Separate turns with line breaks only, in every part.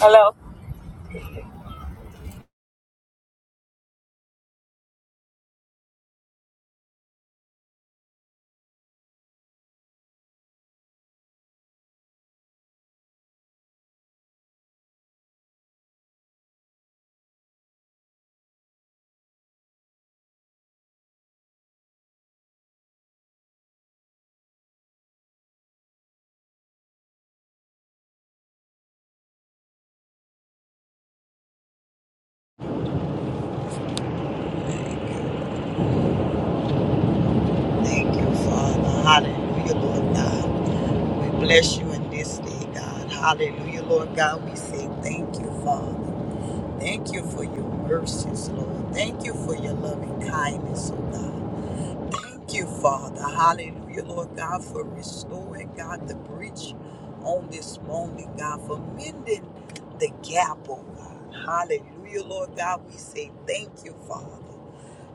Hello.
Thank you, Father. Hallelujah, Lord God. We bless you in this day, God. Hallelujah, Lord God. We say thank you, Father. Thank you for your mercies, Lord. Thank you for your loving kindness, oh God. Thank you, Father. Hallelujah, Lord God, for restoring, God, the breach on this morning, God, for mending the gap, oh God. Hallelujah, Lord God. We say thank you, Father.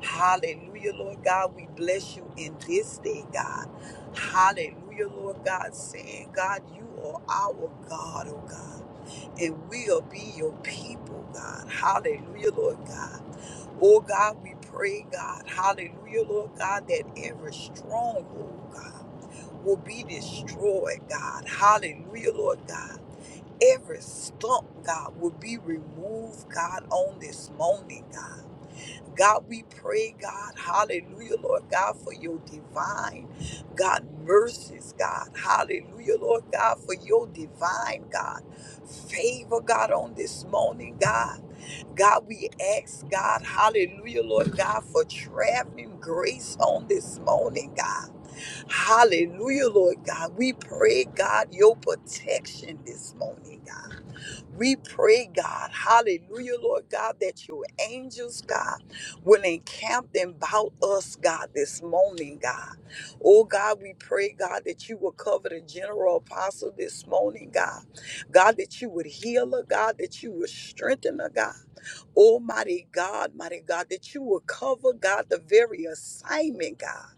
Hallelujah, Lord God. We bless you in this day, God. Hallelujah, Lord God, saying, God, you are our God, oh God, and we'll be your people, God. Hallelujah, Lord God. Oh God, we pray, God, hallelujah, Lord God, that every stronghold, God, will be destroyed, God, hallelujah, Lord God. Every stump, God, will be removed, God, on this morning, God. God, we pray, God, hallelujah, Lord God, for your divine, God, mercies, God, hallelujah, Lord God, for your divine, God, favor, God, on this morning, God. God, we ask God, hallelujah, Lord God, for traveling grace on this morning, God. Hallelujah, Lord God. We pray, God, your protection this morning, God. We pray, God, hallelujah, Lord God, that your angels, God, will encamp them about us, God, this morning, God. Oh, God, we pray, God, that you will cover the general apostle this morning, God. God, that you would heal her, God, that you would strengthen her, God. Oh, mighty God, mighty God, that you will cover, God, the very assignment, God.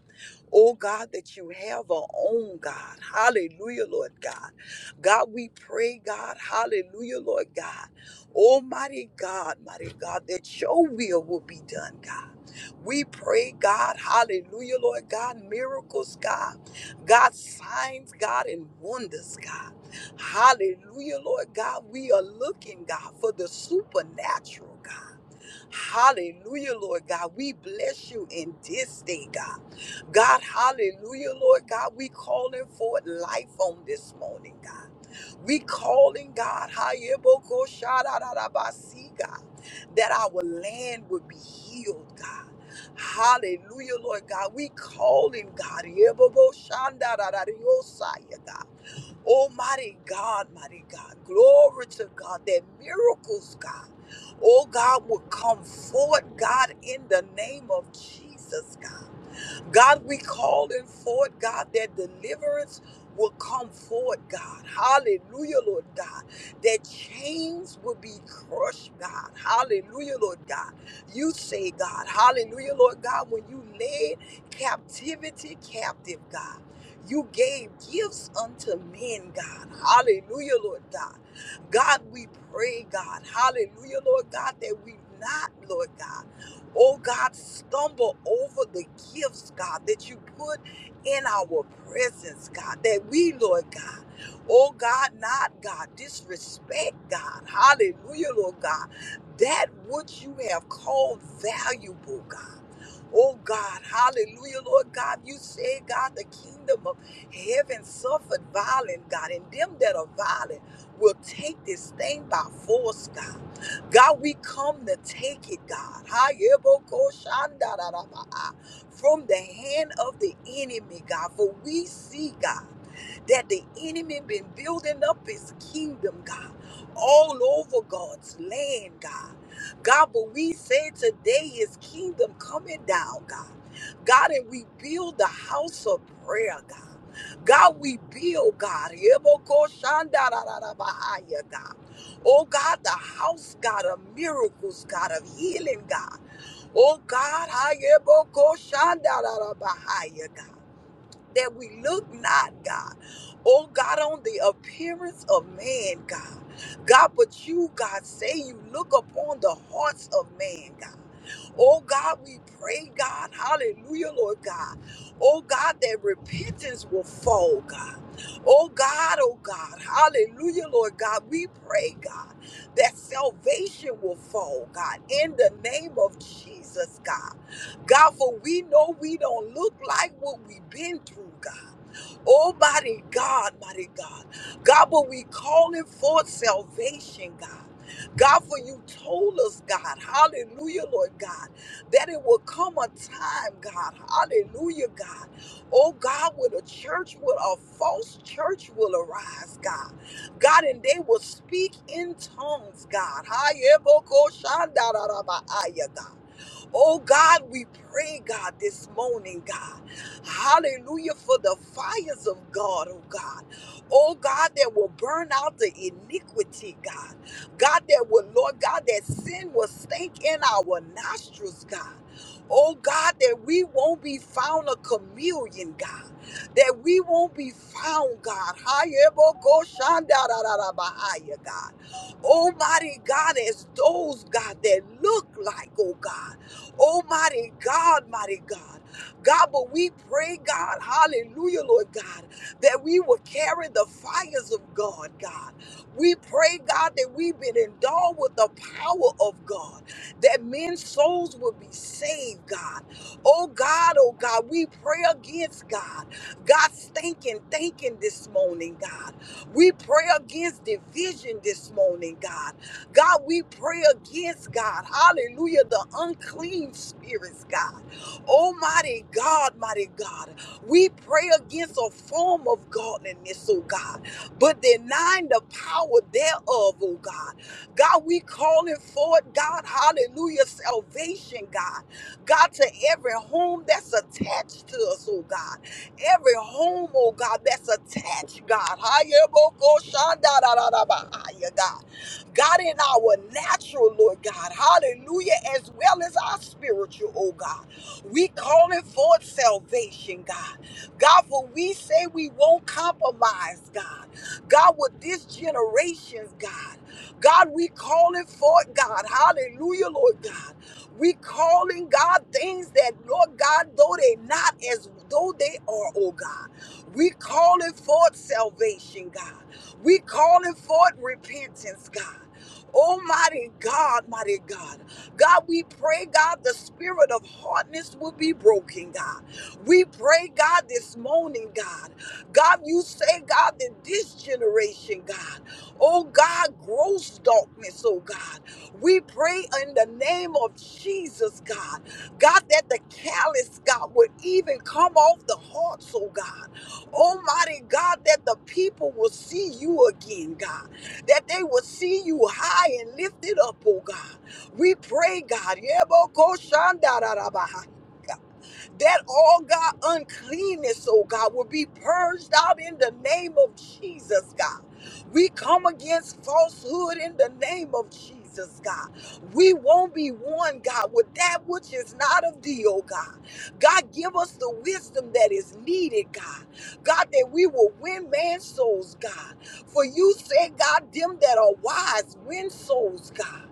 Oh, God, that you have our own, God. Hallelujah, Lord God. God, we pray, God. Hallelujah, Lord God. Almighty God, mighty God, that your will will be done, God. We pray, God, hallelujah, Lord God, miracles, God, God, signs, God, and wonders, God. Hallelujah, Lord God, we are looking, God, for the supernatural, God. Hallelujah, Lord God. We bless you in this day, God. God, hallelujah, Lord God. We calling forth life on this morning, God. We calling God, Hayeboko Shadarabasi, God, that our land would be healed, God. Hallelujah, Lord God. We calling God, Yebobo Shandarariosaya, God. Almighty God, mighty God. Glory to God that miracles, God. Oh, God, will come forth, God, in the name of Jesus, God. God, we call it forth, God, that deliverance will come forward. God. Hallelujah, Lord God. That chains will be crushed, God. Hallelujah, Lord God. You say, God, hallelujah, Lord God, when you led captivity captive, God. You gave gifts unto men, God. Hallelujah, Lord God. God, we pray, God. Hallelujah, Lord God, that we not, Lord God oh God, stumble over the gifts, God, that you put in our presence, God, that we, Lord God, oh God, not God, disrespect, God, hallelujah, Lord God, that which you have called valuable, God. Oh God, hallelujah, Lord God. You said, God, the kingdom of heaven suffered violent, God, and them that are violent will take this thing by force, God. God, we come to take it, God. Hayebokoshandarabaa, From the hand of the enemy, God. For we see, God that the enemy been building up his kingdom, God, all over God's land, God. God, but we say today his kingdom coming down, God. God, and we build the house of prayer, God. God, we build, God. Yebokoshandarararabahaya, God. Oh God, the house, God, of miracles, God, of healing, God. Oh God, Hayebokoshandarararabahaya, God that we look not, God. Oh God, on the appearance of man, God. God, but you, God, say you look upon the hearts of man, God. Oh God, we pray, God, hallelujah, Lord God. Oh God, that repentance will fall, God. Oh God, oh God, hallelujah, Lord God. We pray, God, that salvation will fall, God, in the name of Jesus, God. God, for we know we don't look like what we've been through, God. Oh, mighty God, mighty God. God, but we calling for salvation, God. God, for you told us, God, hallelujah, Lord God, that it will come a time, God, hallelujah, God. Oh, God, with a church, with a false church will arise, God. God, and they will speak in tongues, God. Hayebokoshandarabahaya, God. Oh God, we pray, God, this morning, God. Hallelujah for the fires of God, oh God. Oh God, that will burn out the iniquity, God. God, that will, Lord God, that sin will stink in our nostrils, God. Oh God, that we won't be found a chameleon, God. That we won't be found, God. Hayebokoshandarararabahaya, God. Almighty God, as those, God, that look like, oh God. Oh, mighty God, mighty God. God, but we pray, God, hallelujah, Lord God, that we will carry the fires of God, God. We pray, God, that we've been endowed with the power of God, that men's souls will be saved, God. Oh, God, oh, God, we pray against God. God's thinking, thinking this morning, God. We pray against division this morning, God. God, we pray against God. Hallelujah. The unclean spirits, God. Almighty God, mighty God. We pray against a form of godliness, oh God, but denying the power thereof, oh God. God, we calling forth, God, hallelujah, salvation, God. God, to every home that's attached to us, oh God. Every home, oh God, that's attached, God. Hallelujah, God. God, in our natural, Lord God, hallelujah, as well as our spiritual, oh God. We calling forth salvation, God. God, for we say we won't compromise, God. God, with this generation's God. God, we calling forth, God, hallelujah, Lord God. We calling God things that, Lord God, though they not as though they are, oh God. We calling forth salvation, God. We calling forth repentance, God. Almighty God, mighty God. God, we pray, God, the spirit of hardness will be broken, God. We pray, God, this morning, God. God, you say, God, that this generation, God, oh God, gross darkness, oh God. We pray in the name of Jesus, God. God, that the callous, God, would even come off the hearts, oh God. Almighty God, that the people will see you again, God, that they will see you high and lifted up, oh God. We pray, God. Yebokoshandarabaha that all God uncleanness, oh God, will be purged out in the name of Jesus, God. We come against falsehood in the name of Jesus, God. We won't be one, God, with that which is not of thee, oh God. God, give us the wisdom that is needed, God. God, that we will win man's souls, God. For you said, God, them that are wise win souls, God.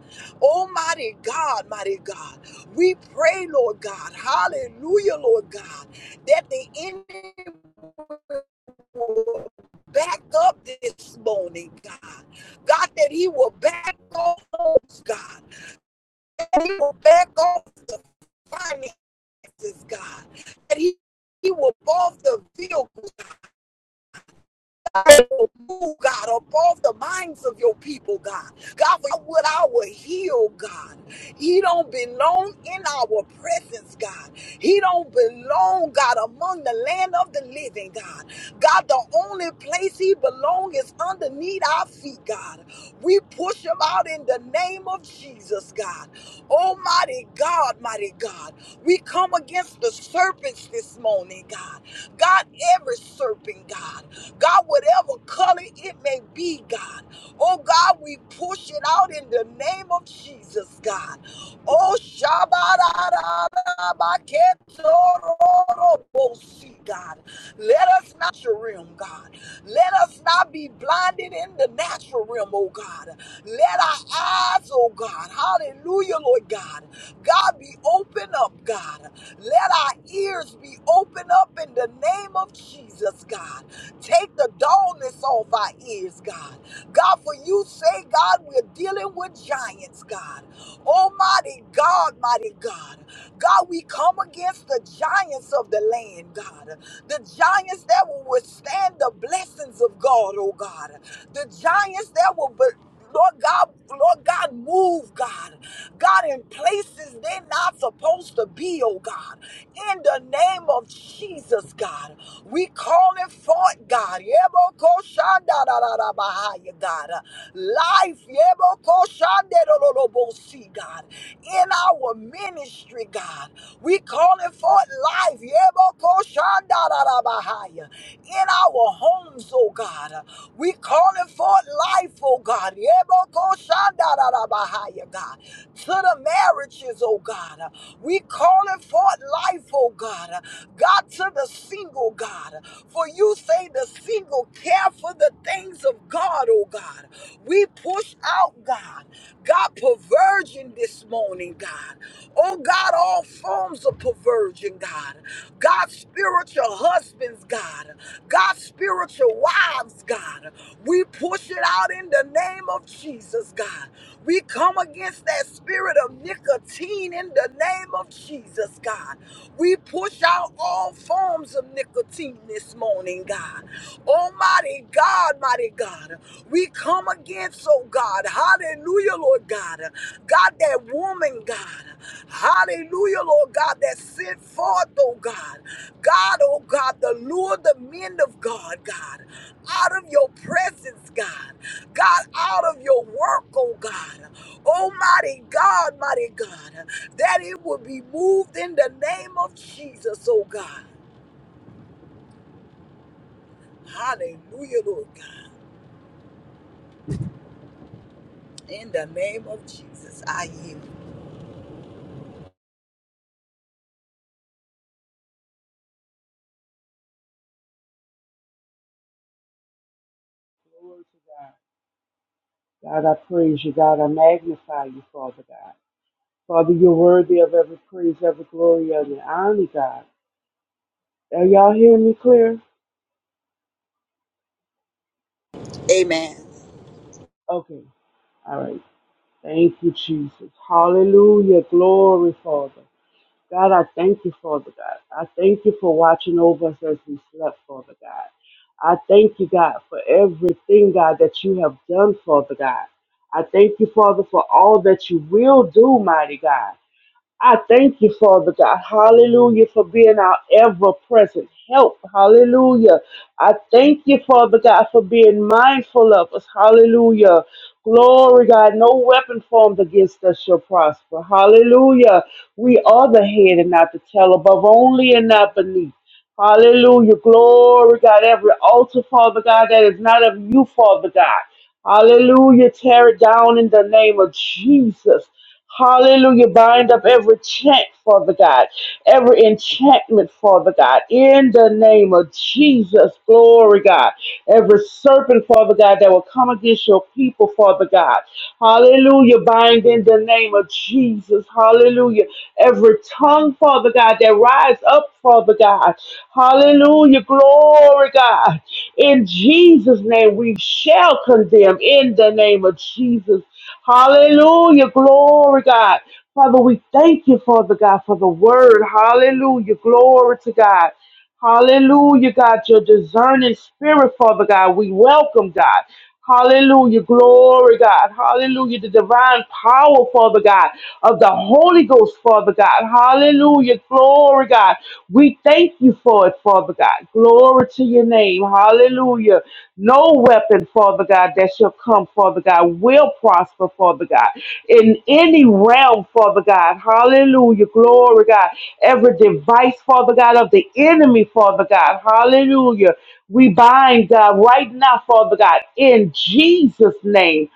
Almighty God, mighty God. We pray, Lord God, hallelujah, Lord God, that the enemy will back up this morning, God. God, that he will back off, homes, God. That he will back off the finances, God. That he, he will off the bill. will move, God, above the minds of your people, God. God, for what I will heal, God. He don't belong in our presence, God. He don't belong, God, among the land of the living, God. God, the only place he belongs is underneath our feet, God. We push him out in the name of Jesus, God. Almighty God, mighty God. We come against the serpents this morning, God. God, every serpent, God. God, whatever color it may be, God. Oh, God, we push it out in the name of Jesus, God. Oh, Shabbat, God. Let us not realm, God. Let us not be blinded in the natural realm, oh God. Let our eyes, oh God, hallelujah, Lord God. God be open up, God. Let our ears be open up in the name of Jesus, God. Take the dullness off our ears, God. God, for you say, God, we're dealing with giants, God. Almighty God, mighty God. God, we come against the giants of the land, God, the giants that will withstand the blessings of God, oh God, the giants that will. Be- Lord God, Lord God, move, God. God, in places they're not supposed to be, oh God. In the name of Jesus, God, we call it forth, God. Yebokoshandadadadabahaya, God. Life, yebokoshandadadadabosi, God. In our ministry, God. We calling forth life. Yebokoshandarabahaya. In our homes, oh God. We calling forth life, oh God. Yebokoshandarabahaya, God. To the marriages, oh God. We calling forth life, oh God. God, to the single, God. For you say the single care for the things of God, oh God. We push out, God. God, perversion this morning, God. Oh, God, all forms of perversion, God. God, spiritual husbands, God. God, spiritual wives, God. We push it out in the name of Jesus, God. We come come against that spirit of nicotine in the name of Jesus, God. We push out all forms of nicotine this morning, God. Almighty God, mighty God. We come against, oh God. Hallelujah, Lord God. God, that woman, God. Hallelujah, Lord God, that sent forth, oh God. God, oh God, the lure the men of God, God, out of your presence, God. God, out of your work, oh God. Oh, mighty God, mighty God, that it will be moved in the name of Jesus, oh God. Hallelujah, Lord God. In the name of Jesus, I yield.
Glory to God, God, I praise you. God, I magnify you, Father God. Father, you're worthy of every praise, every glory, every honor, God. Are y'all hearing me clear?
Amen.
Okay. All right. Thank you, Jesus. Hallelujah. Glory, Father. God, I thank you, Father God. I thank you for watching over us as we slept, Father God. I thank you, God, for everything, God, that you have done, Father God. I thank you, Father, for all that you will do, mighty God. I thank you, Father God. Hallelujah, for being our ever present help. Hallelujah. I thank you, Father God, for being mindful of us. Hallelujah. Glory, God. No weapon formed against us shall prosper. Hallelujah. We are the head and not the tail, above only and not beneath. Hallelujah. Glory, God. Every altar, Father God, that is not of you, Father God. Hallelujah. Tear it down in the name of Jesus. Hallelujah. Bind up every chant, Father God, every enchantment, Father God, in the name of Jesus. Glory, God. Every serpent, Father God, that will come against your people, Father God. Hallelujah. Bind in the name of Jesus. Hallelujah. Every tongue, Father God, that rise up, Father God. Hallelujah. Glory, God. In Jesus' name, we shall condemn in the name of Jesus. Hallelujah. Glory, God. Father, we thank you, Father God, for the word. Hallelujah. Glory to God. Hallelujah, God, your discerning spirit, Father God. We welcome, God. Hallelujah, glory, God. Hallelujah, the divine power, Father God, of the Holy Ghost, Father God. Hallelujah, glory, God. We thank you for it, Father God. Glory to your name. Hallelujah. No weapon, Father God, that shall come, Father God, will prosper, Father God. In any realm, Father God, hallelujah, glory, God. Every device, Father God, of the enemy, Father God, hallelujah. We bind, God, right now, Father God, in Jesus' name.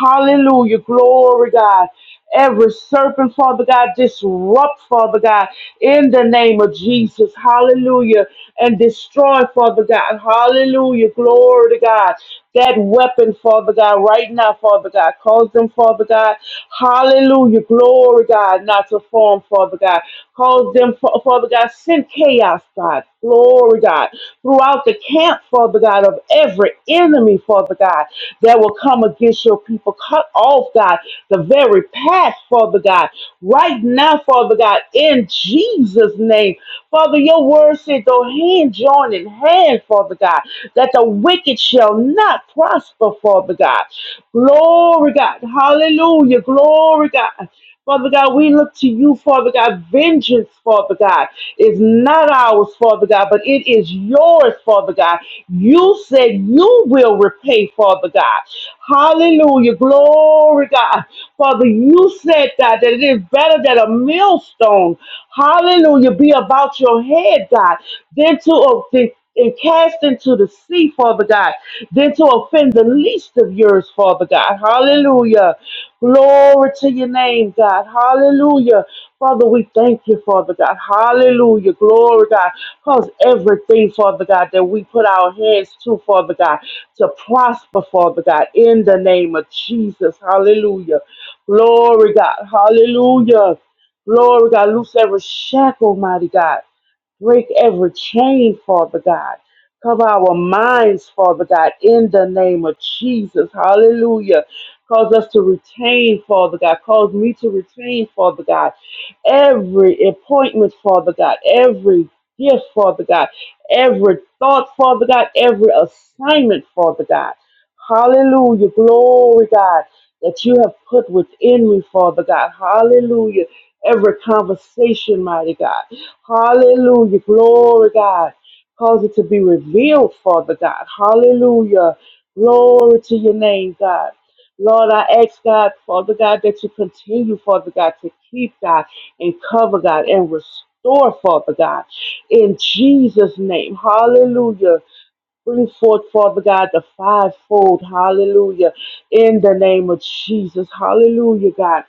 Hallelujah. Glory, God. Every serpent, Father God, disrupt, Father God, in the name of Jesus. Hallelujah. And destroy, Father God. Hallelujah. Glory to God. That weapon, Father God, right now, Father God. Cause them, Father God. Hallelujah. Glory, God, not to form, Father God. Cause them, Fa- Father God. Send chaos, God. Glory, God. Throughout the camp, Father God, of every enemy, Father God, that will come against your people. Cut off, God, the very path, Father God. Right now, Father God, in Jesus' name. Father, your word said, though hand joined in hand, Father God, that the wicked shall not prosper, Father God. Glory, God. Hallelujah. Glory, God. Father God, we look to you, Father God. Vengeance, Father God, is not ours, Father God, but it is yours, Father God. You said you will repay, Father God. Hallelujah. Glory, God. Father, you said, God, that it is better that a millstone, hallelujah, be about your head, God, than to, and cast into the sea, Father God, than to offend the least of yours, Father God. Hallelujah. Glory to your name, God. Hallelujah. Father, we thank you, Father God. Hallelujah. Glory, God. Cause everything, Father God, that we put our hands to, Father God, to prosper, Father God, in the name of Jesus. Hallelujah. Glory, God. Hallelujah. Glory, God. Loose every shackle, mighty God. Break every chain, Father God. Cover our minds, Father God, in the name of Jesus. Hallelujah. Cause us to retain, Father God. Cause me to retain, Father God, every appointment, Father God, every gift, Father God, every thought, Father God, every assignment, Father God. Hallelujah. Glory, God, that you have put within me, Father God. Hallelujah. Every conversation, mighty God. Hallelujah. Glory, God. Cause it to be revealed, Father God. Hallelujah. Glory to your name, God. Lord, I ask God, Father God, that you continue, Father God, to keep God and cover God and restore, Father God, in Jesus' name. Hallelujah. Bring forth, Father God, the fivefold. Hallelujah. In the name of Jesus. Hallelujah, God.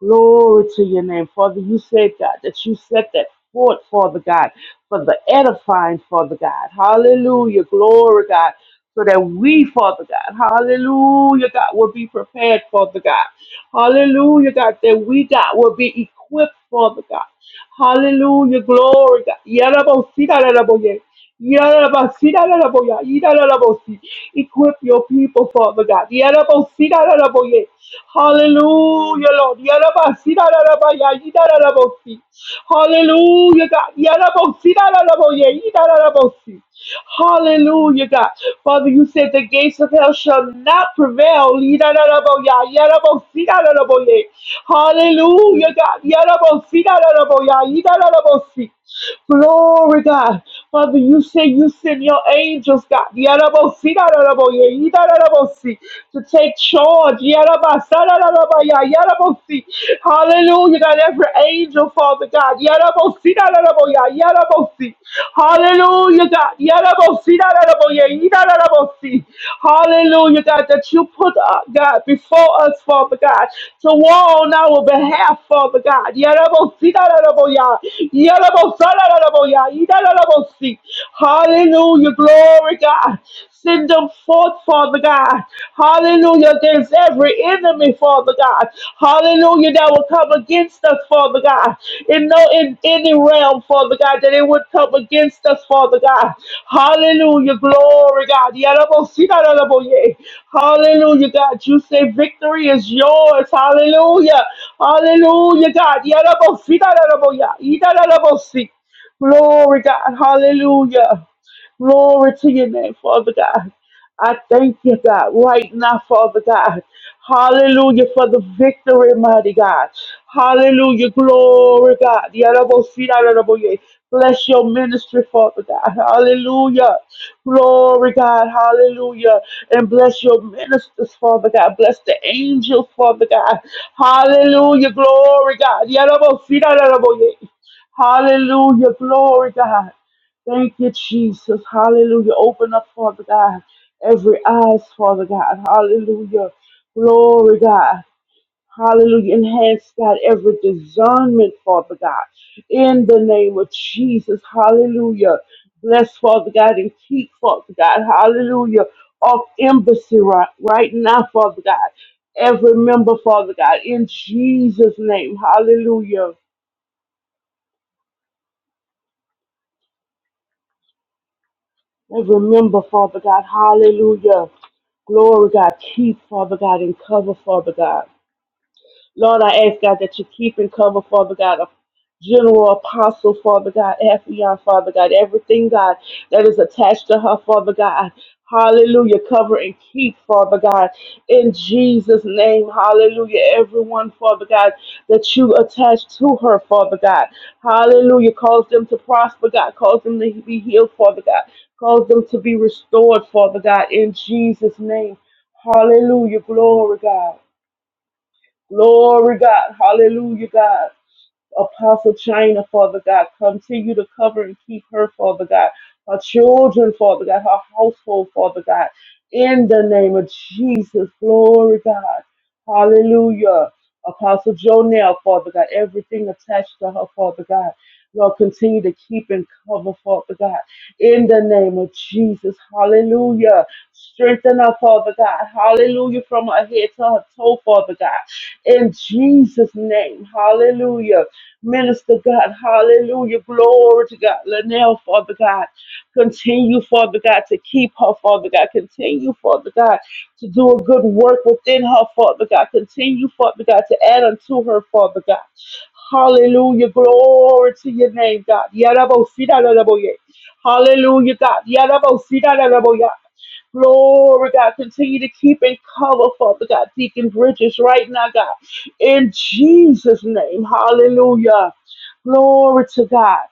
Glory to your name. Father, you said, God, that you set that forth, Father God, for the edifying, Father God. Hallelujah. Glory, God. So that we, Father God, hallelujah, God, will be prepared, Father God. Hallelujah, God, that we, God, will be equipped, Father God. Hallelujah. Glory. God. Yarabosita, yaraboye. Yarabasita, yaraboya. Yarabosita. Equip your people, Father God. Yarabosita, yaraboye. Hallelujah, Lord. Yarabasita, yarabaya. Yarabosita. Hallelujah, God. Yarabosita, yaraboye. Yarabosita. Hallelujah, God. Father, you said the gates of hell shall not prevail. Yidadadaboya, yadabositadadaboye. Hallelujah, God. Yadabositadadaboya, yidadadabosi. Glory, God. Father, you say you send your angels, God, Yadabositadadaboye, yidadadabosi, to take charge. Yadabasatadadaboya, yadabosi. Hallelujah, God. Every angel, Father God. Yadabositadadaboya, Yarabosi. Hallelujah, God. Yarabosi, Yaraboye, Yarabosi. Hallelujah, God, that you put, uh, God, before us, Father God, to war on our behalf, Father God. Yarabosi, Yaraboya, Yarabosa, Yaraboya, Yarabosi. Hallelujah, glory, God. Send them forth, Father God. Hallelujah. There's every enemy, Father God. Hallelujah. That will come against us, Father God. In no in any realm, Father God, that it would come against us, Father God. Hallelujah. Glory, God. Yarabosinarabonye. Hallelujah, God. You say victory is yours. Hallelujah. Hallelujah, God. Yarabosinarabonye. Idarabonye. Glory, God. Hallelujah. Glory to your name, Father God. I thank you, God, right now, Father God. Hallelujah for the victory, mighty God. Hallelujah, glory, God. Yarabosidaraboye. Bless your ministry, Father God. Hallelujah. Glory, God. Hallelujah. And bless your ministers, Father God. Bless the angels, Father God. Hallelujah. Glory, God. Yarabosidaraboye. Hallelujah. Glory, God. Thank you, Jesus. Hallelujah. Open up, Father God. Every eyes, Father God. Hallelujah. Glory, God. Hallelujah. Enhance, God, every discernment, Father God. In the name of Jesus. Hallelujah. Bless, Father God, and keep, Father God. Hallelujah. Off embassy right, right now, Father God. Every member, Father God. In Jesus' name. Hallelujah. Let's remember, Father God. Hallelujah. Glory, God. Keep, Father God, and cover, Father God. Lord, I ask God that you keep and cover, Father God, of General Apostle, Father God, Ephion, Father God, everything, God, that is attached to her, Father God. Hallelujah. Cover and keep, Father God. In Jesus' name, hallelujah. Everyone, Father God, that you attach to her, Father God. Hallelujah. Cause them to prosper, God. Cause them to be healed, Father God. Cause them to be restored, Father God. In Jesus' name. Hallelujah. Glory, God. Glory, God. Hallelujah, God. Apostle China, Father God. Continue to cover and keep her, Father God. Her children, Father God. Her household, Father God. In the name of Jesus. Glory, God. Hallelujah. Apostle Jonell, Father God. Everything attached to her, Father God. Lord, continue to keep and cover, Father God. In the name of Jesus. Hallelujah. Strengthen her, Father God. Hallelujah. From her head to her toe, Father God. In Jesus' name. Hallelujah. Minister God, hallelujah, glory to God. Lanelle, Father God, continue, Father God, to keep her, Father God. Continue, Father God, to do a good work within her, Father God. Continue, Father God, to add unto her, Father God. Hallelujah, glory to your name, God. Yarabo, sida, larabo, yeah. Hallelujah, God. Yarabo, sida, larabo, yeah. Glory, God. Continue to keep and cover, Father God. Deacon Bridges right now, God. In Jesus' name. Hallelujah. Glory to God.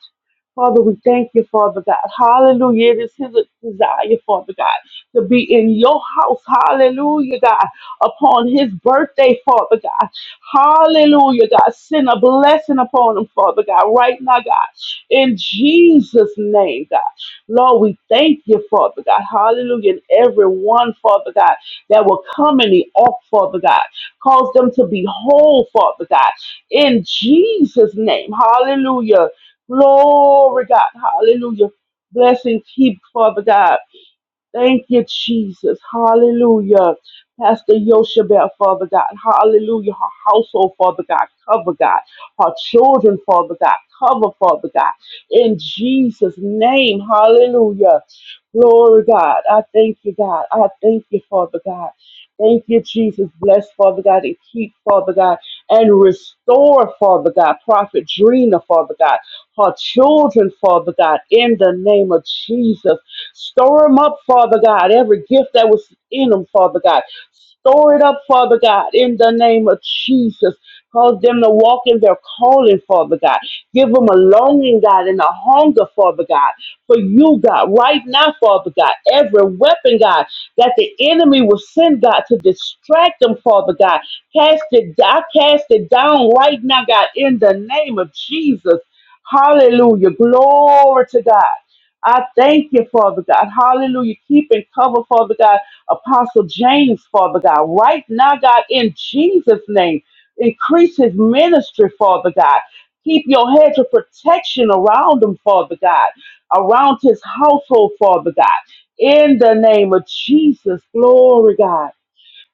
Father, we thank you, Father God. Hallelujah. It is his desire, Father God, to be in your house. Hallelujah, God. Upon his birthday, Father God. Hallelujah, God. Send a blessing upon him, Father God, right now, God. In Jesus' name, God. Lord, we thank you, Father God. Hallelujah. And everyone, Father God, that will come in the ark, Father God. Cause them to be whole, Father God. In Jesus' name. Hallelujah. Glory, God. Hallelujah. Bless and keep, Father God. Thank you, Jesus. Hallelujah. Pastor Yoshabel, Father God. Hallelujah. Her household, Father God. Cover, God. Her children, Father God. Cover, Father God. In Jesus' name. Hallelujah. Glory, God. I thank you, God. I thank you, Father God. Thank you, Jesus. Bless, Father God, and keep, Father God, and restore, Father God, Prophet Drina, Father God, her children, Father God, in the name of Jesus. Store them up, Father God. Every gift that was in them, Father God. Store it up, Father God, in the name of Jesus. Cause them to walk in their calling, Father God. Give them a longing, God, and a hunger, Father God, for you, God, right now, Father God. Every weapon, God, that the enemy will send, God, to distract them, Father God. Cast it, I cast it down right now, God, in the name of Jesus. Hallelujah. Glory to God. I thank you, Father God. Hallelujah. Keep and cover, Father God, Apostle James, Father God. Right now, God, in Jesus' name, increase his ministry, Father God. Keep your hedge of protection around him, Father God, around his household, Father God. In the name of Jesus, glory, God.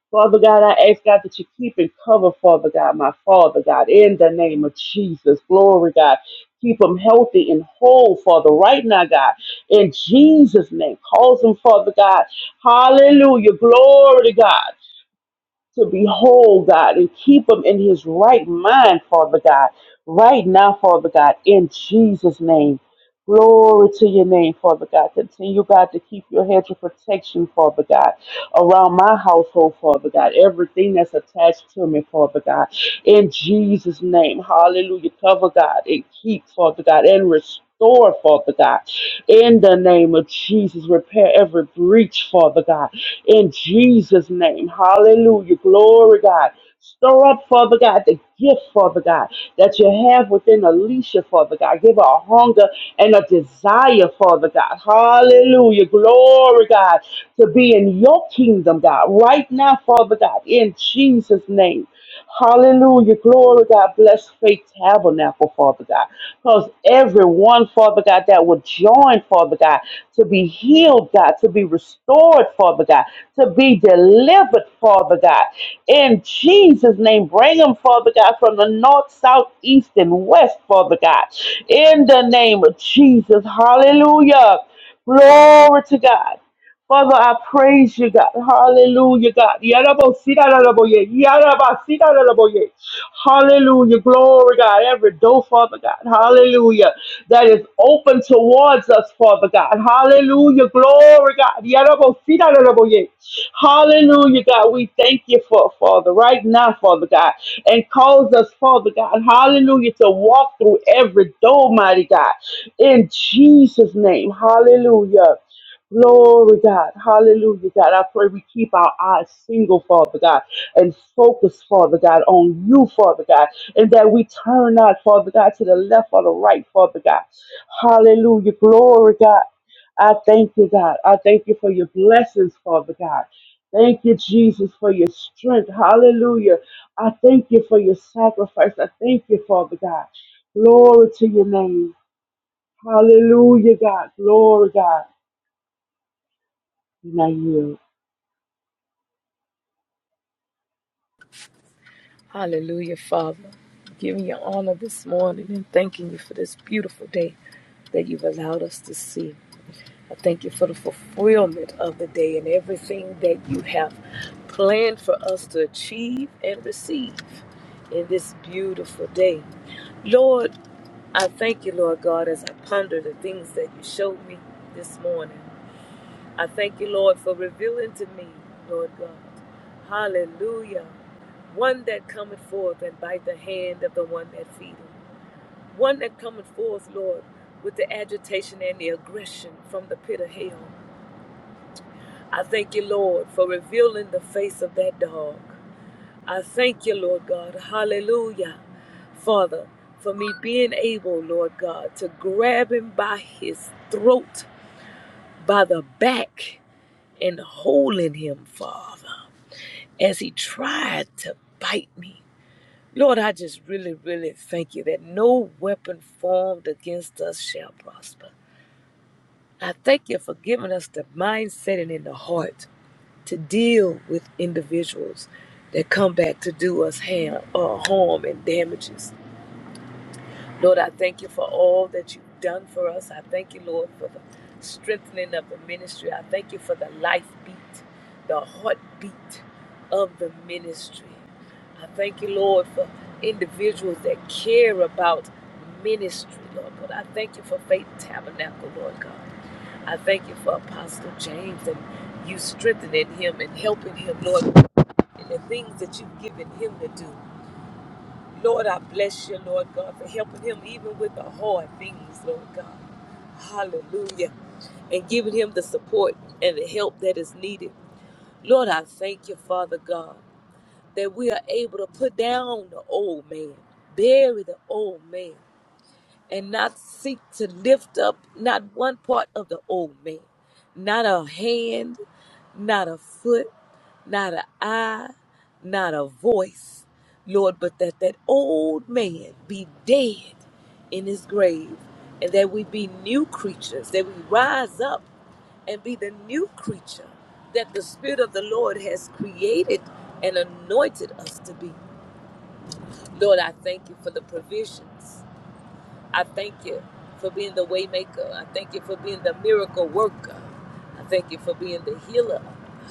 Father God, I ask God that you keep and cover, Father God, my Father God, in the name of Jesus. Glory, God. Keep them healthy and whole, Father, right now, God. In Jesus' name, cause them, Father God. Hallelujah. Glory to God. To be whole, God, and keep them in his right mind, Father God. Right now, Father God, in Jesus' name. Glory to your name, Father God. Continue, God, to keep your hedge of protection, Father God around my household, Father God. Everything that's attached to me, Father God. In Jesus' name, hallelujah. Cover God and keep, Father God, and restore, Father God. In the name of Jesus, repair every breach, Father God. In Jesus' name, hallelujah. Glory, God. Stir up, Father God, the gift, Father God, that you have within Alicia, Father God. Give her a hunger and a desire, Father God. Hallelujah. Glory, God, to be in your kingdom, God, right now, Father God, in Jesus' name. Hallelujah. Glory, God. Bless Faith Tabernacle, Father God. Because everyone, Father God, that would join, Father God, to be healed, God, to be restored, Father God, to be delivered, Father God. In Jesus' name, bring them, Father God, from the north, south, east, and west, Father God. In the name of Jesus. Hallelujah. Glory to God. Father, I praise you, God. Hallelujah, God. Yarabosiraraboye, yarabasiraraboye. Hallelujah. Glory, God. Every door, Father God. Hallelujah. That is open towards us, Father God. Hallelujah. Glory, God. Yarabosiraraboye. Hallelujah, God. We thank you for, Father, right now, Father God. And cause us, Father God. Hallelujah. To walk through every door, mighty God. In Jesus' name. Hallelujah. Glory, God. Hallelujah, God. I pray we keep our eyes single, Father God, and focus, Father God, on you, Father God, and that we turn not, Father God, to the left or the right, Father God. Hallelujah. Glory, God. I thank you, God. I thank you for your blessings, Father God. Thank you, Jesus, for your strength. Hallelujah. I thank you for your sacrifice. I thank you, Father God. Glory to your name. Hallelujah, God. Glory, God. And I yield.
Hallelujah, Father. Giving you honor this morning and thanking you for this beautiful day that you've allowed us to see. I thank you for the fulfillment of the day and everything that you have planned for us to achieve and receive in this beautiful day. Lord, I thank you, Lord God, as I ponder the things that you showed me this morning. I thank you, Lord, for revealing to me, Lord God. Hallelujah. One that cometh forth and by the hand of the one that feedeth. One that cometh forth, Lord, with the agitation and the aggression from the pit of hell. I thank you, Lord, for revealing the face of that dog. I thank you, Lord God. Hallelujah. Father, for me being able, Lord God, to grab him by his throat, by the back and holding him, Father, as he tried to bite me. Lord, I just really, really thank you that no weapon formed against us shall prosper. I thank you for giving us the mindset and in the heart to deal with individuals that come back to do us harm, uh, harm and damages. Lord, I thank you for all that you've done for us. I thank you, Lord, for the strengthening of the ministry. I thank you for the life beat, the heartbeat of the ministry. I thank you, Lord, for individuals that care about ministry, Lord God. I thank you for Faith Tabernacle, Lord God. I thank you for Apostle James and you strengthening him and helping him, Lord, in the things that you've given him to do. Lord, I bless you, Lord God, for helping him even with the hard things, Lord God. Hallelujah. And giving him the support and the help that is needed. Lord, I thank you, Father God, that we are able to put down the old man, bury the old man, and not seek to lift up not one part of the old man, not a hand, not a foot, not an eye, not a voice, Lord, but that that old man be dead in his grave, and that we be new creatures, that we rise up and be the new creature that the Spirit of the Lord has created and anointed us to be. Lord, I thank you for the provisions. I thank you for being the waymaker. I thank you for being the miracle worker. I thank you for being the healer.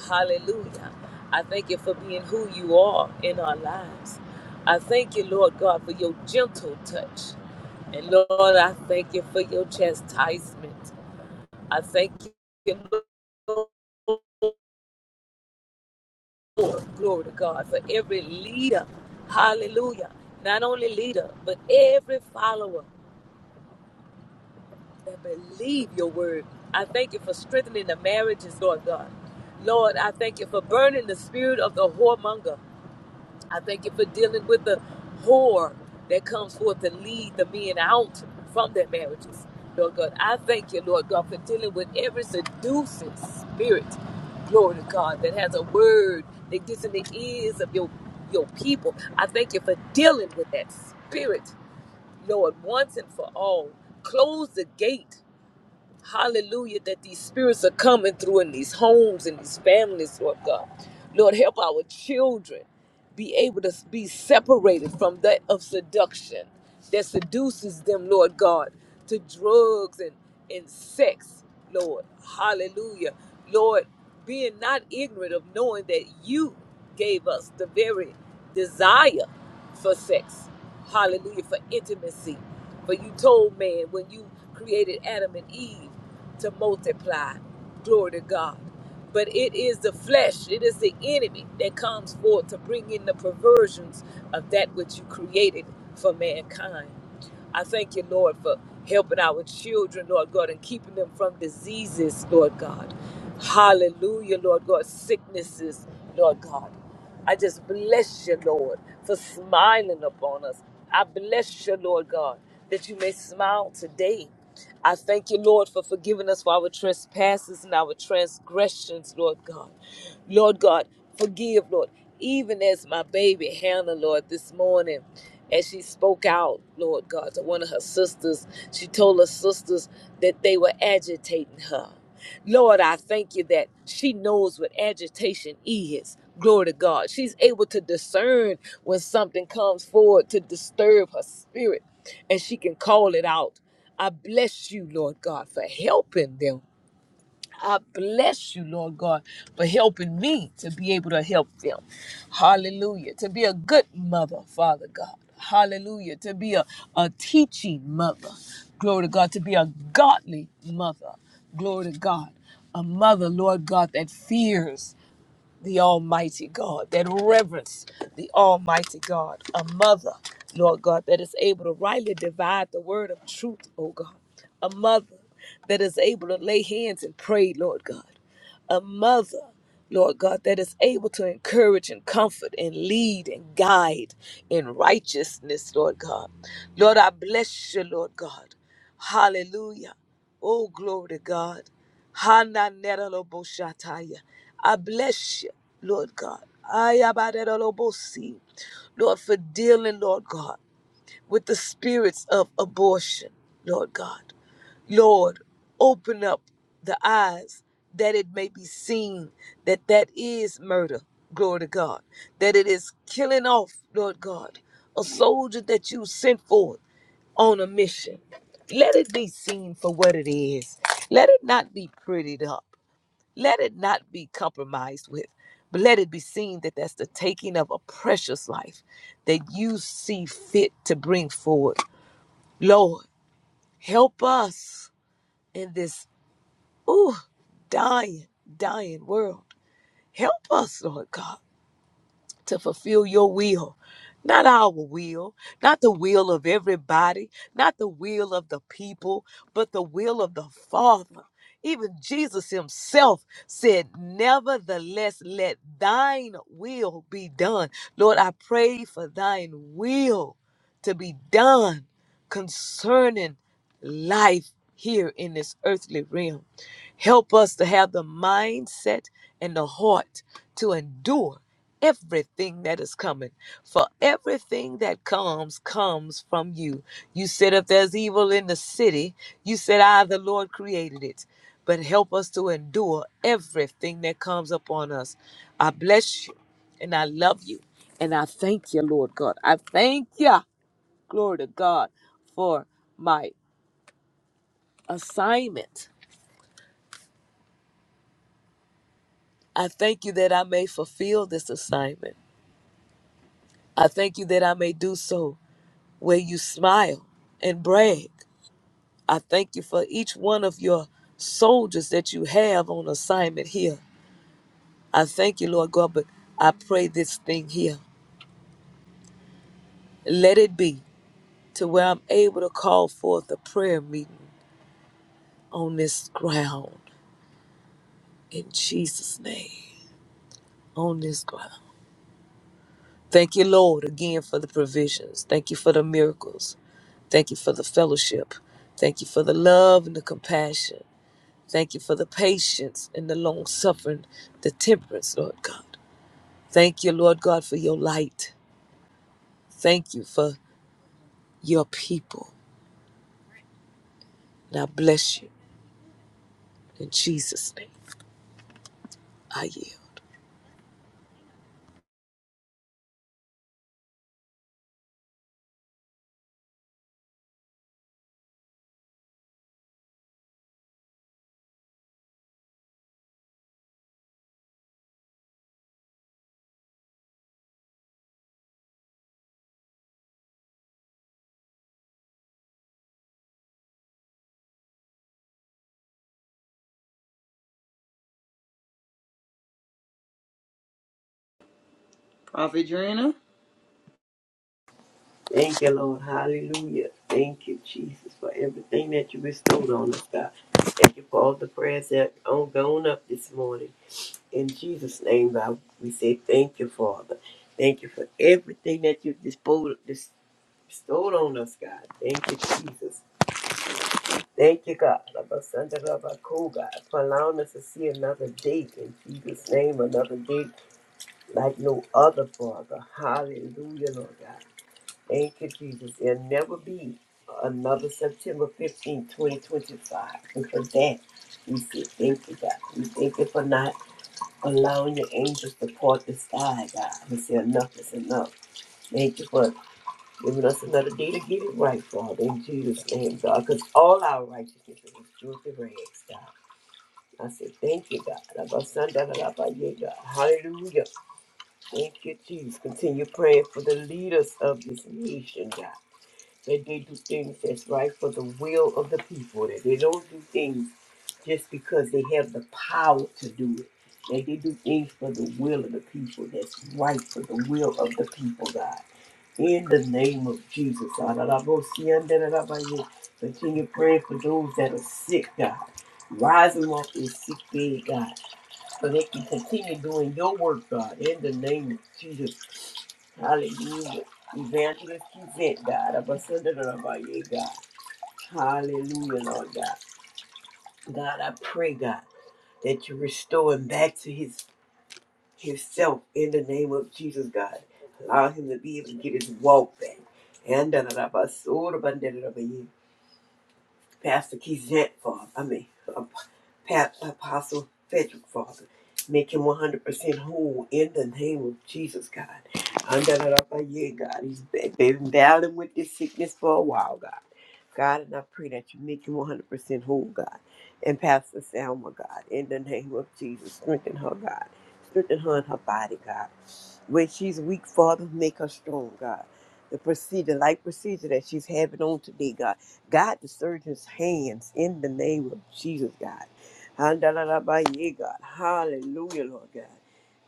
Hallelujah. I thank you for being who you are in our lives. I thank you, Lord God, for your gentle touch. And Lord, I thank you for your chastisement. I thank you, Lord, glory to God, for every leader. Hallelujah. Not only leader, but every follower. that believe your word. I thank you for strengthening the marriages, Lord God. Lord, I thank you for burning the spirit of the whoremonger. I thank you for dealing with the whore that comes forth to lead the men out from their marriages. Lord God, I thank you, Lord God, for dealing with every seducing spirit, glory to God, that has a word that gets in the ears of your, your people. I thank you for dealing with that spirit, Lord, once and for all. Close the gate Hallelujah, that these spirits are coming through in these homes and these families, Lord God. Lord, help our children be able to be separated from that of seduction that seduces them, Lord God, to drugs and, and sex, Lord. Hallelujah. Lord, being not ignorant of knowing that you gave us the very desire for sex. Hallelujah. For intimacy. For you told man when you created Adam and Eve to multiply. Glory to God. But it is the flesh, it is the enemy that comes forth to bring in the perversions of that which you created for mankind. I thank you, Lord, for helping our children, Lord God, and keeping them from diseases, Lord God. Hallelujah, Lord God, sicknesses, Lord God. I just bless you, Lord, for smiling upon us. I bless you, Lord God, that you may smile today. I thank you, Lord, for forgiving us for our trespasses and our transgressions, Lord God. Lord God, forgive, Lord, even as my baby Hannah, Lord, this morning, as she spoke out, Lord God, to one of her sisters, she told her sisters that they were agitating her. Lord, I thank you that she knows what agitation is. Glory to God. She's able to discern when something comes forward to disturb her spirit, and she can call it out. I bless you, Lord God, for helping them. I bless you, Lord God, for helping me to be able to help them. Hallelujah. To be a good mother, Father God. Hallelujah. To be a, a teaching mother. Glory to God. To be a godly mother. Glory to God. A mother, Lord God, that fears the Almighty God, that reverence the Almighty God, a mother, Lord God, that is able to rightly divide the word of truth, oh God, a mother that is able to lay hands and pray, Lord God, a mother, Lord God, that is able to encourage and comfort and lead and guide in righteousness, Lord God. Lord, I bless you, Lord God. Hallelujah. Oh, glory to God. Hananeloboshataya. I bless you, Lord God. Ayabadelolobosi. Lord, for dealing, Lord God with the spirits of abortion, Lord God. Lord, open up the eyes that it may be seen that that is murder, glory to God, that it is killing off, Lord God, a soldier that you sent forth on a mission. Let it be seen for what it is. Let it not be prettied up. Let it not be compromised with, but let it be seen that that's the taking of a precious life that you see fit to bring forward. Lord, help us in this ooh, dying, dying world. Help us, Lord God. to fulfill your will. Not our will, not the will of everybody, not the will of the people, but the will of the Father. Even Jesus himself said, Nevertheless, let thine will be done. Lord, I pray for thine will to be done concerning life here in this earthly realm. Help us to have the mindset and the heart to endure everything that is coming. For everything that comes, comes from you. You said, if there's evil in the city, you said, I, the Lord, created it. But help us to endure everything that comes upon us. I bless you and I love you and I thank you, Lord God. I thank you, glory to God, for my assignment I thank you that I may fulfill this assignment. I thank you that I may do so where you smile and brag. I thank you for each one of your soldiers that you have on assignment here. I thank you, Lord God, but I pray this thing here. Let it be to where I'm able to call forth a prayer meeting on this ground in Jesus' name. On this ground. Thank you, Lord, again for the provisions. Thank you for the miracles. Thank you for the fellowship. Thank you for the love and the compassion. Thank you for the patience and the long suffering, the temperance, Lord God. Thank you, Lord God, for your light. Thank you for your people. And I bless you in Jesus' name. I yield.
Prophet Drina.
Thank you, Lord. Hallelujah. Thank you, Jesus, for everything that you bestowed on us, God. Thank you for all the prayers that are going up this morning. In Jesus' name, God, we say thank you, Father. Thank you for everything that you bestowed, bestowed on us, God. Thank you, Jesus. Thank you, God. Abba, Sanda, Abba, Ko, God, for allowing us to see another day. In Jesus' name, another day like no other, Father. Hallelujah, Lord God. Thank you, Jesus. There'll never be another September 15, 2025. And for that, we say thank you, God. We thank you for not allowing your angels to part the sky, God. We say enough is enough. Thank you for giving us another day to get it right, Father, in Jesus' name, God, because all our righteousness is filthy rags, God. I say thank you, God. Abba, son, da, da, da, ba, yeah, God. Hallelujah. Thank you, Jesus. Continue praying for the leaders of this nation, God that they do things that's right for the will of the people, that they don't do things just because they have the power to do it, that they do things for the will of the people, that's right for the will of the people, God. In the name of Jesus, God, I love you, see, and then I love you. continue praying for those that are sick, God. Rise them up in sick bed, God, so they can continue doing your work, God, in the name of Jesus. Hallelujah. Evangelist Yvette, God. I'm a son of us under the Lord, yeah, God. Hallelujah, Lord God. God, I pray, God, that you restore him back to his himself in the name of Jesus, God. Allow him to be able to get his walk back. And da da da ba so da ba da da da ba, yeah. Pastor Kizant, Father. I mean, Pat Apostle Frederick, Father. Make him 100% whole in the name of Jesus, God. Under the up by you, God. He's been been battling with this sickness for a while, God. God, and I pray that you make him 100% whole, God. And Pastor Selma, God, in the name of Jesus, strengthen her, God. Strengthen her in her body, God. Where she's weak, Father, make her strong, God. The procedure, like procedure that she's having on today, God. God, the surgeon's hands in the name of Jesus, God. Handalalabaye, God. Hallelujah, Lord God.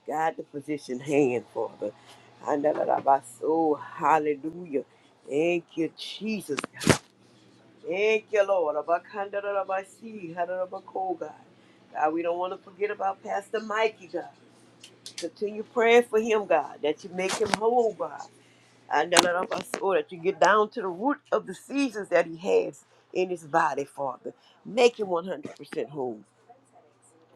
God, the physician hand, Father. Handalalabaso, Hallelujah. Thank you, Jesus. Thank you, Lord. Abakandarabashi, harabako, God. God, we don't want to forget about Pastor Mikey, God. Continue praying for him, God, that you make him whole, God. And Andarabaso, That you get down to the root of the seizures that he has in his body, Father. Make him 100% whole.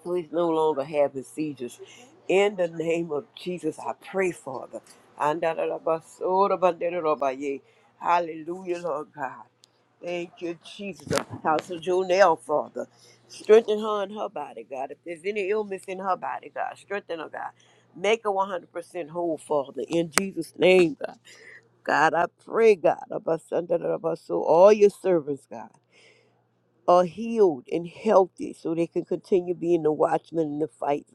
Please no longer having seizures. In the name of Jesus, I pray, Father. Andalalabasorabandelarabaye. Hallelujah, Lord God. Thank you, Jesus. Apostle Jonelle, Father. Strengthen her in her body, God. If there's any illness in her body, God, strengthen her, God. Make her 100% whole, Father. In Jesus' name, God. God, I pray, God. Abasandarabasor- All your servants, God are healed and healthy so they can continue being the watchmen and the fight,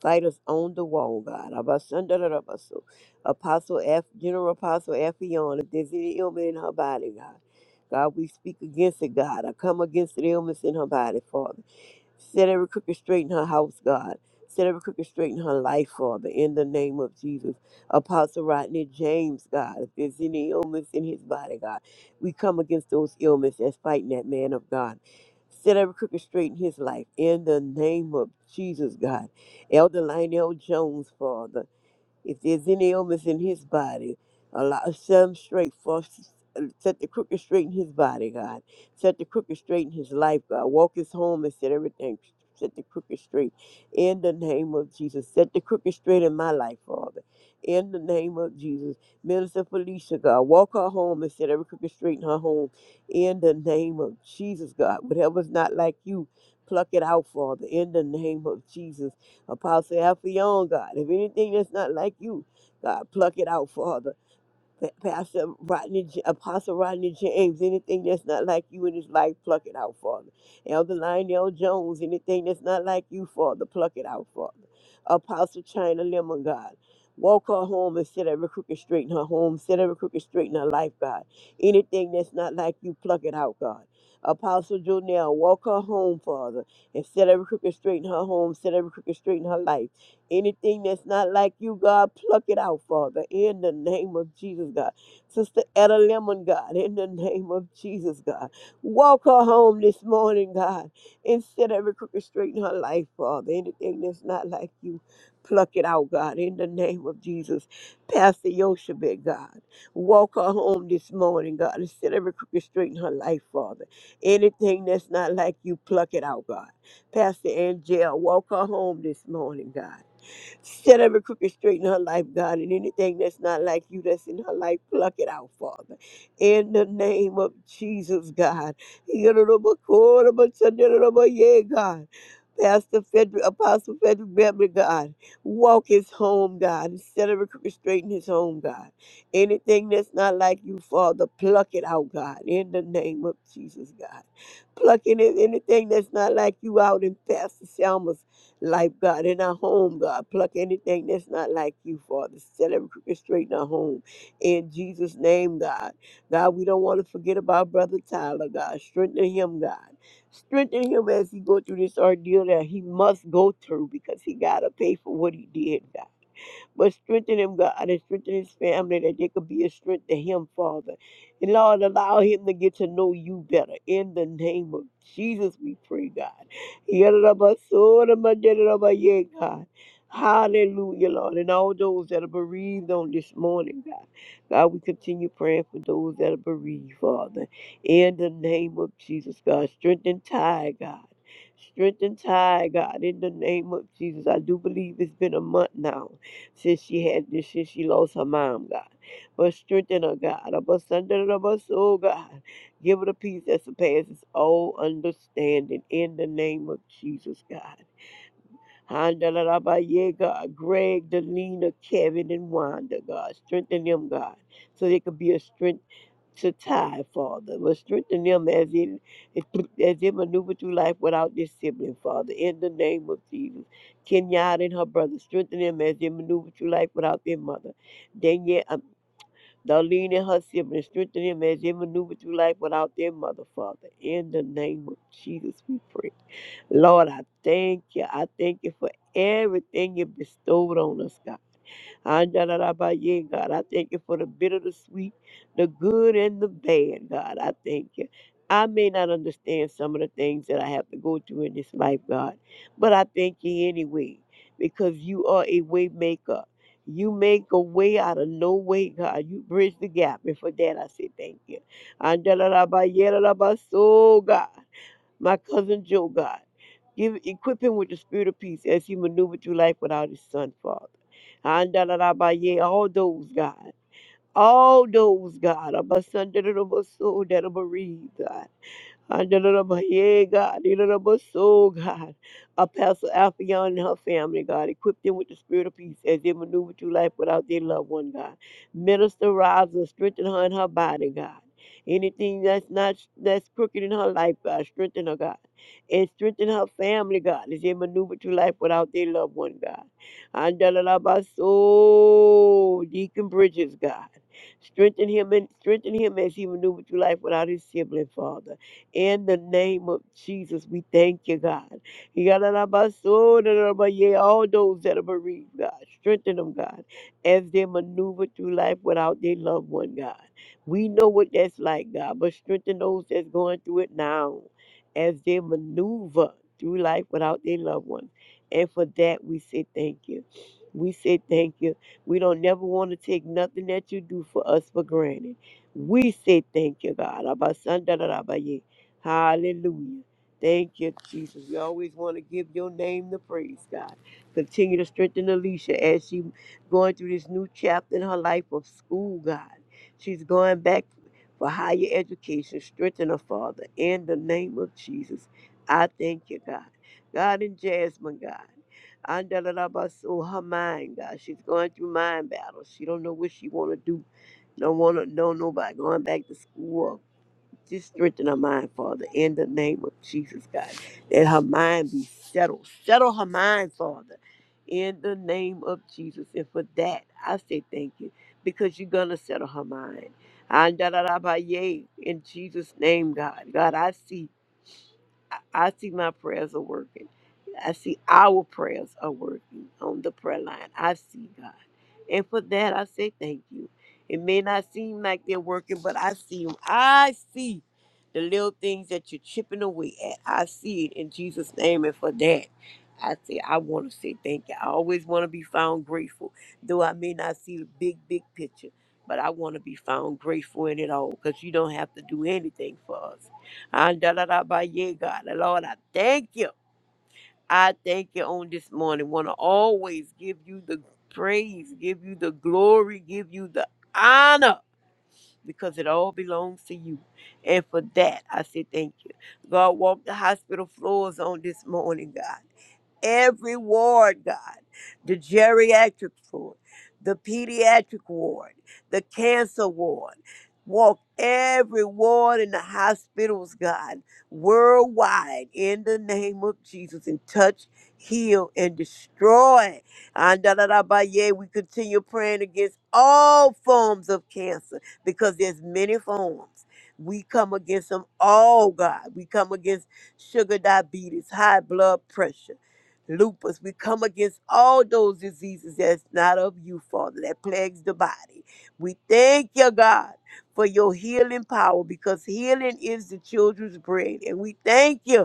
fighters on the wall, God. Abasandarabaso. Apostle F, General Apostle Affion, if there's any ailment in her body, God. God, we speak against it, God. I come against the ailments in her body, Father. Set every crooked straight in her house, God. Set every crooked straight in her life, Father, in the name of Jesus. Apostle Rodney James, God, if there's any illness in his body, God, we come against those illnesses that's fighting that man of God. Set every crooked straight in his life, in the name of Jesus, God. Elder Lionel Jones, Father. If there's any illness in his body, allow set him straight for set the crooked straight in his body, God. Set the crooked straight in his life, God. Walk his home and set everything set the crooked straight in the name of Jesus. Set the crooked straight in my life, Father. In the name of Jesus. Minister Felicia, God, walk her home and set every crooked straight in her home. In the name of Jesus, God. Whatever's not like you, pluck it out, Father. In the name of Jesus. Apostle Alpha, your own God. If anything that's not like you, God, pluck it out, Father. Pa- Pastor Rodney, J- Apostle Rodney James, anything that's not like you in his life, pluck it out, Father. Elder Lionel Jones, anything that's not like you, Father, pluck it out, Father. Apostle China Lemon, God. Walk her home and set every crooked straight in her home, set every crooked straight in her life, God. Anything that's not like you, pluck it out, God. Apostle Jonell, walk her home, Father, and set every crooked straight in her home, set every crooked straight in her life. Anything that's not like you, God, pluck it out, Father, in the name of Jesus, God. Sister Etta Lemon, God, in the name of Jesus, God. Walk her home this morning, God, and set every crooked straight in her life, Father. Anything that's not like you, pluck it out, God, in the name of Jesus. Pastor Yoshebet, God, walk her home this morning, God, and set every crooked straight in her life, Father. Anything that's not like you, pluck it out, God. Pastor Angel, walk her home this morning, God. Set every crooked straight in her life, God, and anything that's not like you that's in her life, pluck it out, Father. In the name of Jesus, God. Yeah, God. Pastor Frederick, Apostle Frederick Beverly, God, walk his home, God, and set every crooked straight in his home, God. Anything that's not like you, Father, pluck it out, God, in the name of Jesus, God. Plucking anything that's not like you out in Pastor Selma's life, God, in our home, God. Pluck anything that's not like you, Father. Set every crooked straight in our home. In Jesus' name, God. God, we don't want to forget about Brother Tyler, God. Strengthen him, God. Strengthen him as he go through this ordeal that he must go through because he got to pay for what he did, God. But strengthen him, God, and strengthen his family that they could be a strength to him, Father. And Lord, allow him to get to know you better. In the name of Jesus, we pray, God. Yadadabasodamadadadabaye, God. Hallelujah, Lord. And all those that are bereaved on this morning, God. God, we continue praying for those that are bereaved, Father. In the name of Jesus, God. Strengthen Ty, God. Strengthen Ty, God. In the name of Jesus. I do believe it's been a month now since she had this, since she lost her mom, God. But strengthen her, God. Abba, Sunday, abba, soul, God. Give her the peace that surpasses all understanding in the name of Jesus, God. Handalabaye, God. Greg, Delina, Kevin, and Wanda, God. Strengthen them, God, so they could be a strength to tie, Father. Will strengthen them as in as they maneuver through life without their sibling, Father. In the name of Jesus. Kenyatta and her brother, strengthen them as they maneuver through life without their mother. Danielle, um, Darlene and her siblings, strengthen them as they maneuver through life without their mother, Father. In the name of Jesus, we pray. Lord, I thank you. I thank you for everything you bestowed on us, God. Andalarabaye, God, I thank you for the bitter, the sweet, the good, and the bad, God. I thank you. I may not understand some of the things that I have to go through in this life, God, but I thank you anyway because you are a way maker. You make a way out of no way, God. You bridge the gap. And for that, I say thank you. Andalarabaye, Larabaso, God. My cousin Joe, God, give equip him with the spirit of peace as he maneuvered through life without his son, Father. Andalarabaye, All those, God. All those, God, of my son that are bereaved, God yeah, God, so God. Apostle Alphayon and her family, God. Equip them with the spirit of peace as they maneuver through life without their loved one, God. Minister rise and strengthen her in her body, God. Anything that's not that's crooked in her life, God, strengthen her, God. And strengthen her family, God, as they maneuver through life without their loved one, God. And so Deacon Bridges, God. Strengthen him and strengthen him as he maneuvered through life without his sibling, Father. In the name of Jesus, we thank you, God. Yadadabaso, dadadabaye, All those that are bereaved, God, strengthen them, God, as they maneuver through life without their loved one, God. We know what that's like, God, but strengthen those that's going through it now as they maneuver through life without their loved one. And for that, we say thank you. We say thank you. We don't never want to take nothing that you do for us for granted. We say thank you, God. Abasandarabaye. Hallelujah. Thank you, Jesus. We always want to give your name the praise, God. Continue to strengthen Alicia as she going through this new chapter in her life of school, God. She's going back for higher education. Strengthen her, Father, in the name of Jesus. I thank you, God. God and Jasmine, God. Andalabaso, her mind, God. She's going through mind battles. She don't know what she wanna do. Don't wanna know nobody going back to school. Or just strengthen her mind, Father, in the name of Jesus, God. Let her mind be settled. Settle her mind, Father, in the name of Jesus. And for that, I say thank you, because you're gonna settle her mind. and Andalabaye, In Jesus' name, God. God, I see. I, I see my prayers are working. I see our prayers are working on the prayer line. I see God. And for that, I say thank you. It may not seem like they're working, but I see them. I see the little things that you're chipping away at. I see it in Jesus' name. And for that, I say, I want to say thank you. I always want to be found grateful, though I may not see the big, big picture, but I want to be found grateful in it all because you don't have to do anything for us. And da da da ba ye God. Lord, I thank you. I thank you on this morning. Want to always give you the praise, give you the glory, give you the honor, because it all belongs to you. And for that, I say thank you. God Walk the hospital floors on this morning, God every ward, God. The geriatric ward, the pediatric ward, the cancer ward. Walk every ward in the hospitals, God, worldwide, in the name of Jesus, and touch, heal, and destroy. Andalarabaye, We continue praying against all forms of cancer because there's many forms. We come against them all, God. We come against sugar diabetes, high blood pressure lupus. We come against all those diseases that's not of you, Father, that plagues the body. We thank you, God, for your healing power because healing is the children's bread. And we thank you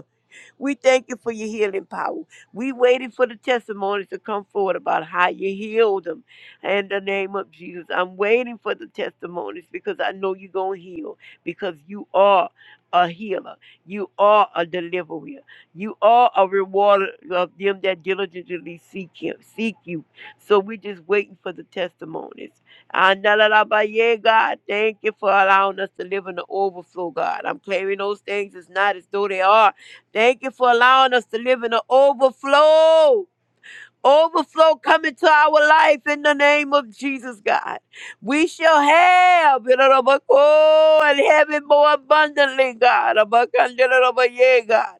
we thank you for your healing power. We waited for the testimonies to come forward about how you healed them. In the name of Jesus, I'm waiting for the testimonies because I know you're going to heal because you are a healer. You are a deliverer. You are a rewarder of them that diligently seek him, seek you. So we're just waiting for the testimonies. Analalabaye, God, thank you for allowing us to live in the overflow, God. I'm claiming those things as not as though they are Thank you for allowing us to live in an overflow. Overflow coming to our life in the name of Jesus, God. We shall have it oh, and have it more abundantly, God. Yeah, God.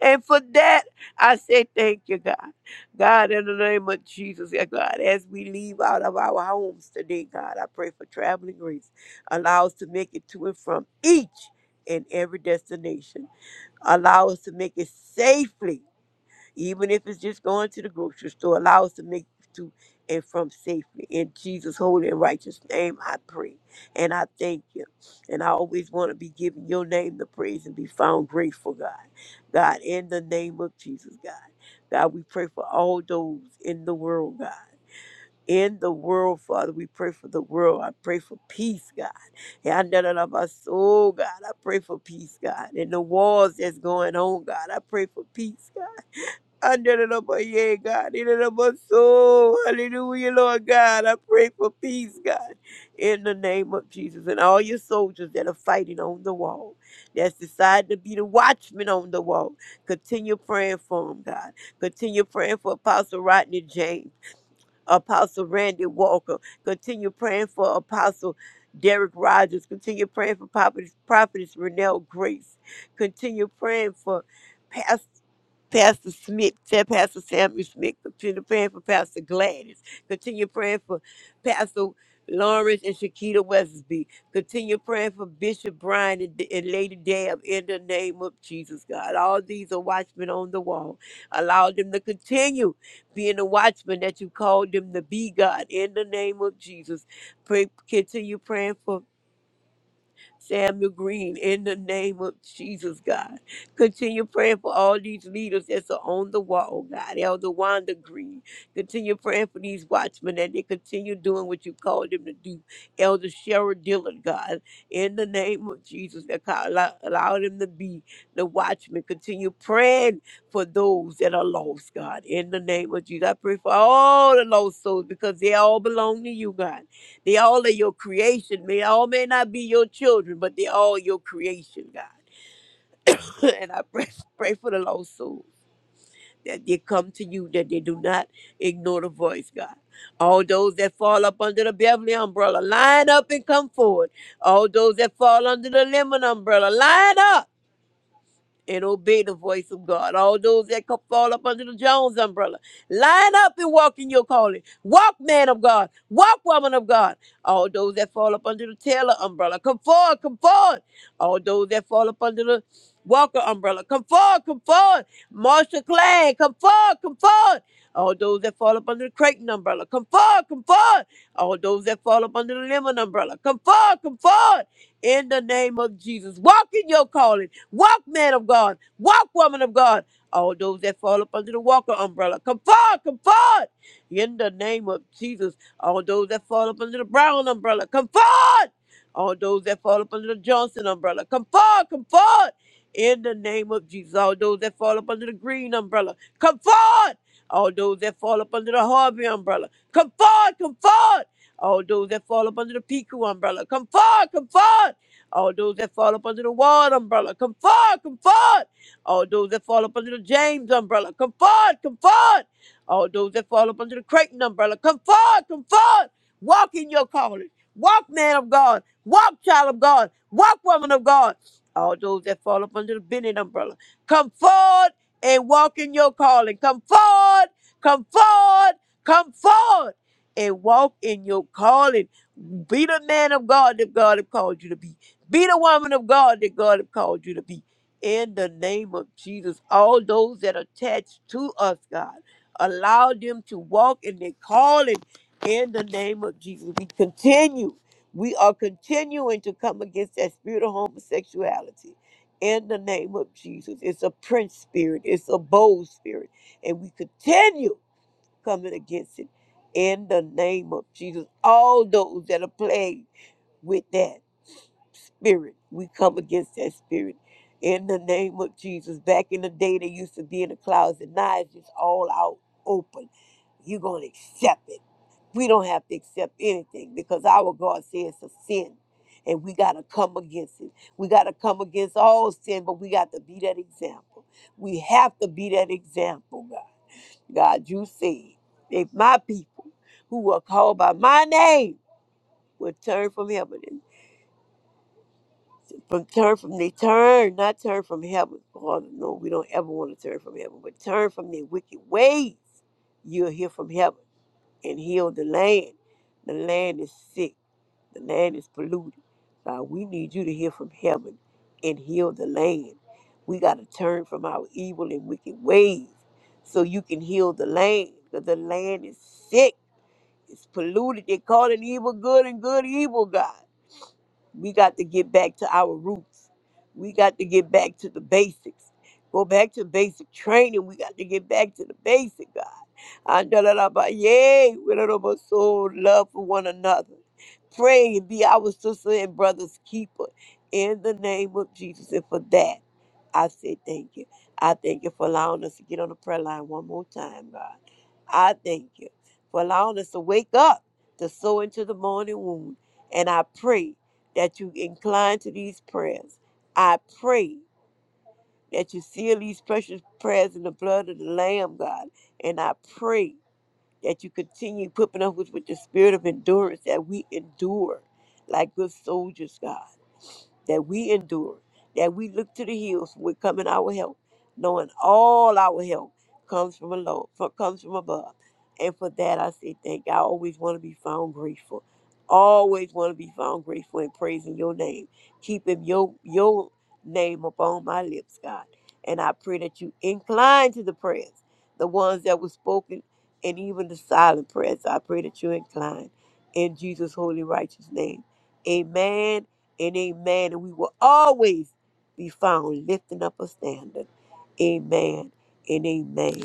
And for that, I say thank you, God. God, in the name of Jesus, yeah, God, as we leave out of our homes today, God, I pray for traveling grace. Allow us to make it to and from each and every destination allow us to make it safely even if it's just going to the grocery store allow us to make it to and from safely in jesus holy and righteous name i pray and i thank you and i always want to be giving your name the praise and be found grateful god god in the name of jesus god god we pray for all those in the world god in the world, Father. We pray for the world. I pray for peace, God. Yeah, I know that of my soul, God. I pray for peace, God. In the wars that's going on, God. I pray for peace, God. I know the number, yeah, God. In the my soul. Hallelujah, Lord God. I pray for peace, God. In the name of Jesus. And all your soldiers that are fighting on the wall, that's decided to be the watchmen on the wall. Continue praying for them, God. Continue praying for Apostle Rodney James. Apostle Randy Walker. Continue praying for Apostle Derek Rogers. Continue praying for Prophetess, Prophetess Renelle Grace. Continue praying for Pastor. Pastor Smith, Sa- Pastor Samuel Smith, continue praying for Pastor Gladys, continue praying for Pastor Lawrence and Shakita Wesley, continue praying for Bishop Brian and, and Lady Dab in the name of Jesus, God. All these are watchmen on the wall. Allow them to continue being a watchman that you called them to be God in the name of Jesus. Pray, continue praying for Samuel Green, in the name of Jesus, God. Continue praying for all these leaders that's on the wall, God. Elder Wanda Green. Continue praying for these watchmen that they continue doing what you called them to do. Elder Cheryl Dillon, God, in the name of Jesus, that God allow, allow them to be the watchmen. Continue praying for those that are lost, God, in the name of Jesus. I pray for all the lost souls because they all belong to you, God. They all are your creation. May all may not be your children, but they all your creation, God. and I pray, pray for the lost souls that they come to you, that they do not ignore the voice, God. All those that fall up under the Beverly umbrella, line up and come forward. All those that fall under the Lemon umbrella, line up and obey the voice of God. All those that co- fall up under the Jones umbrella, line up and walk in your calling. Walk, man of God. Walk, woman of God. All those that fall up under the Taylor umbrella, come forward, come forward. All those that fall up under the Walker umbrella, come forward, come forward. Marshall Clan, come forward, come forward. All those that fall up under the Creighton umbrella, come forward, come forward. All those that fall up under the Lemon umbrella, come forward, come forward. In the name of Jesus, walk in your calling. Walk, man of God. Walk, woman of God. All those that fall up under the Walker umbrella, come forward, come forward. In the name of Jesus, all those that fall up under the Brown umbrella, come forward. All those that fall up under the Johnson umbrella, come forward, come forward. In the name of Jesus, all those that fall up under the Green umbrella, come forward. All those that fall up under the Harvey umbrella, come forward, come forward. All those that fall up under the Piku umbrella, come forward, come forward. All those that fall up under the Ward umbrella, come forward, come forward. All those that fall up under the James umbrella, come forward, come forward. All those that fall up under the Creighton umbrella, come forward, come forward. Walk in your calling. Walk, man of God. Walk, child of God. Walk, woman of God. All those that fall up under the Bennett umbrella, come forward and walk in your calling. Come forward, come forward, come forward and walk in your calling. Be the man of God that God has called you to be. Be the woman of God that God has called you to be. In the name of Jesus, all those that are attached to us, God, allow them to walk in their calling. In the name of Jesus, we continue. We are continuing to come against that spirit of homosexuality. In the name of Jesus, it's a prince spirit. It's a bold spirit, and we continue coming against it. In the name of Jesus, all those that are plagued with that spirit. We come against that spirit in the name of Jesus. Back in the day, they used to be in the closet. Now it's just all out open. You're going to accept it. We don't have to accept anything because our God says it's a sin. And we got to come against it. We got to come against all sin, but we got to be that example. We have to be that example, God. God, you said, if my people who are called by my name would turn from heaven. From turn from they turn, not turn from heaven. Father, no, we don't ever want to turn from heaven, but turn from their wicked ways. You'll hear from heaven and heal the land. The land is sick. The land is polluted. God, we need you to hear from heaven and heal the land. We got to turn from our evil and wicked ways so you can heal the land. Because the land is sick. It's polluted. They call it evil good and good evil, God. We got to get back to our roots. We got to get back to the basics. Go back to basic training. We got to get back to the basic, God. And da da da ba- Yay, with a little soul, love for one another. Pray and be our sister and brother's keeper in the name of Jesus. And for that, I say thank you. I thank you for allowing us to get on the prayer line one more time, God. I thank you for allowing us to wake up to sow into the morning wound. And I pray that you incline to these prayers. I pray that you seal these precious prayers in the blood of the Lamb, God. And I pray that you continue equipping us with, with the spirit of endurance that we endure like good soldiers, God that we endure, that we look to the hills with coming our help, knowing all our help comes from alone, from, comes from above. And for that I say thank you. I always want to be found grateful. Always want to be found grateful and praising your name, keeping your your name upon my lips, God. And I pray that you incline to the prayers, the ones that were spoken and even the silent prayers. I pray that you incline in Jesus' holy righteous name. Amen and amen. And we will always be found lifting up a standard. Amen and amen.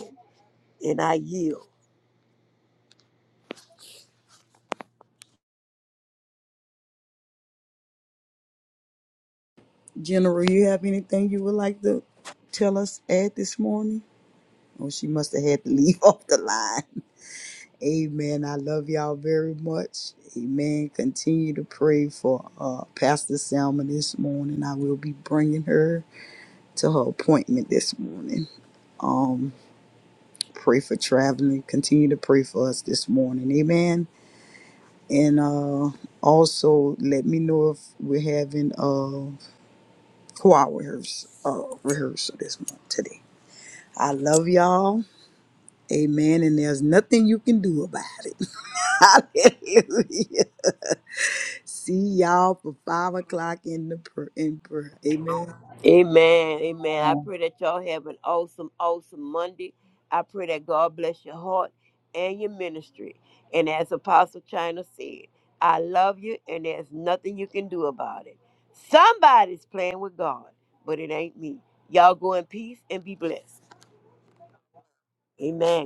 And I yield.
General, you have anything you would like to tell us at this morning? Oh, she must have had to leave off the line. Amen. I love y'all very much. Amen. Continue to pray for uh, Pastor Selma this morning. I will be bringing her to her appointment this morning. Um, pray for traveling. Continue to pray for us this morning. Amen. And uh, also let me know if we're having a choir rehearsal, uh, rehearsal this month today. I love y'all. Amen. And there's nothing you can do about it. Hallelujah. See y'all for five o'clock in the pr- in prayer. Amen.
Amen. Amen. I
Oh.
pray that y'all have an awesome, awesome Monday. I pray that God bless your heart and your ministry. And as Apostle China said, I love you and there's nothing you can do about it. Somebody's playing with God, but it ain't me. Y'all go in peace and be blessed. Amen.